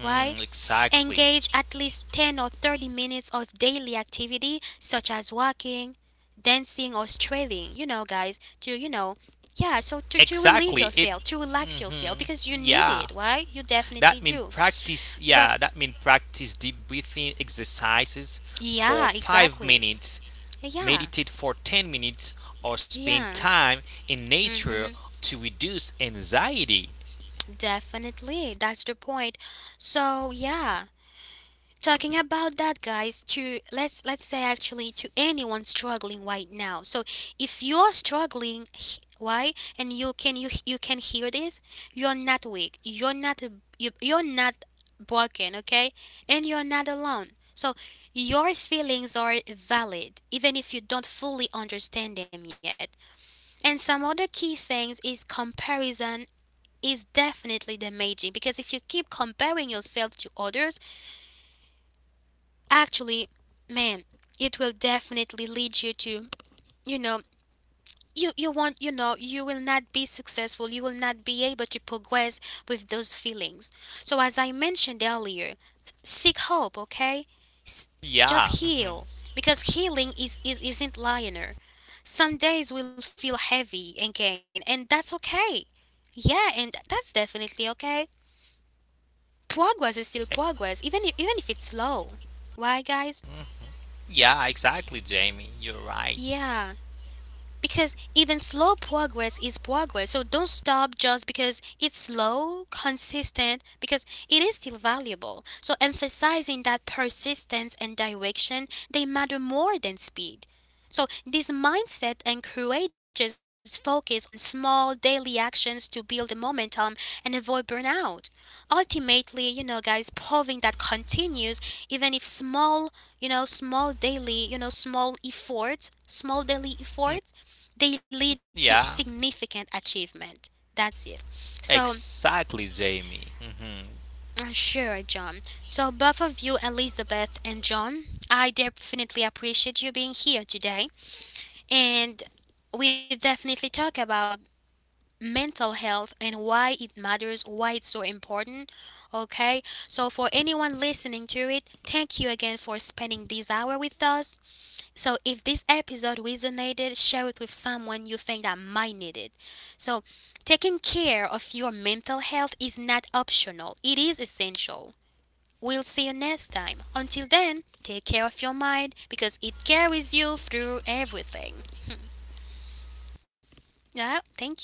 A: Why?
B: exactly.
A: Engage at least ten or thirty minutes of daily activity such as walking, dancing or stretching, you know guys, to you know, yeah, so to, to relieve
B: Exactly. It.
A: yourself, to relax yourself
B: Hmm
A: because you need
B: Yeah.
A: it, right? You definitely
B: That mean
A: do.
B: practice,
A: But
B: yeah, that mean practice deep breathing exercises for
A: yeah,
B: five
A: exactly.
B: minutes,
A: Yeah.
B: meditate for ten minutes or spend
A: Yeah.
B: time in nature
A: Mhm.
B: to reduce anxiety.
A: Definitely. That's the point. So, yeah, talking about that guys, to let's let's say actually, to anyone struggling right now. So if you're struggling, h- why, and you can you you can hear this, you're not weak, you're not you, you're not broken, okay? And you're not alone. So your feelings are valid even if you don't fully understand them yet. And some other key things is comparison is definitely damaging. Because if you keep comparing yourself to others, actually, man, it will definitely lead you to, you know, you, you want you know, you will not be successful. You will not be able to progress with those feelings. So, as I mentioned earlier, seek hope, okay? S-
B: Yeah.
A: just
B: mhm.
A: heal because healing is, is isn't linear. Some days will feel heavy again, and that's okay. Yeah, and that's definitely okay. Progress is
B: Eh,
A: still progress, even if, even if it's slow. Why, guys?
B: Yeah, exactly, Jamie. You're right.
A: Yeah. Because even slow progress is progress. So don't stop just because it's slow. Consistent because it is still valuable. So emphasizing that persistence and direction, they matter more than speed. So this mindset encourages focus on small daily actions to build momentum and avoid burnout. Ultimately, you know guys, proving that continues even if small, you know small daily you know small efforts, small daily efforts,
B: Mm,
A: they lead to
B: yeah.
A: significant achievement. That's it. So,
B: Exactly, Jamie. Mhm.
A: uh, sure, John. So, both of you, Elizabeth and John, I definitely appreciate you being here today. And we definitely talk about mental health and why it matters, why it's so important. Okay? So, for anyone listening to it, thank you again for spending this hour with us. So if this episode resonated, share it with someone you think that might need it. So taking care of your mental health is not optional, it is essential. We'll see you next time. Until then, take care of your mind because it carries you through everything. yeah, thank you.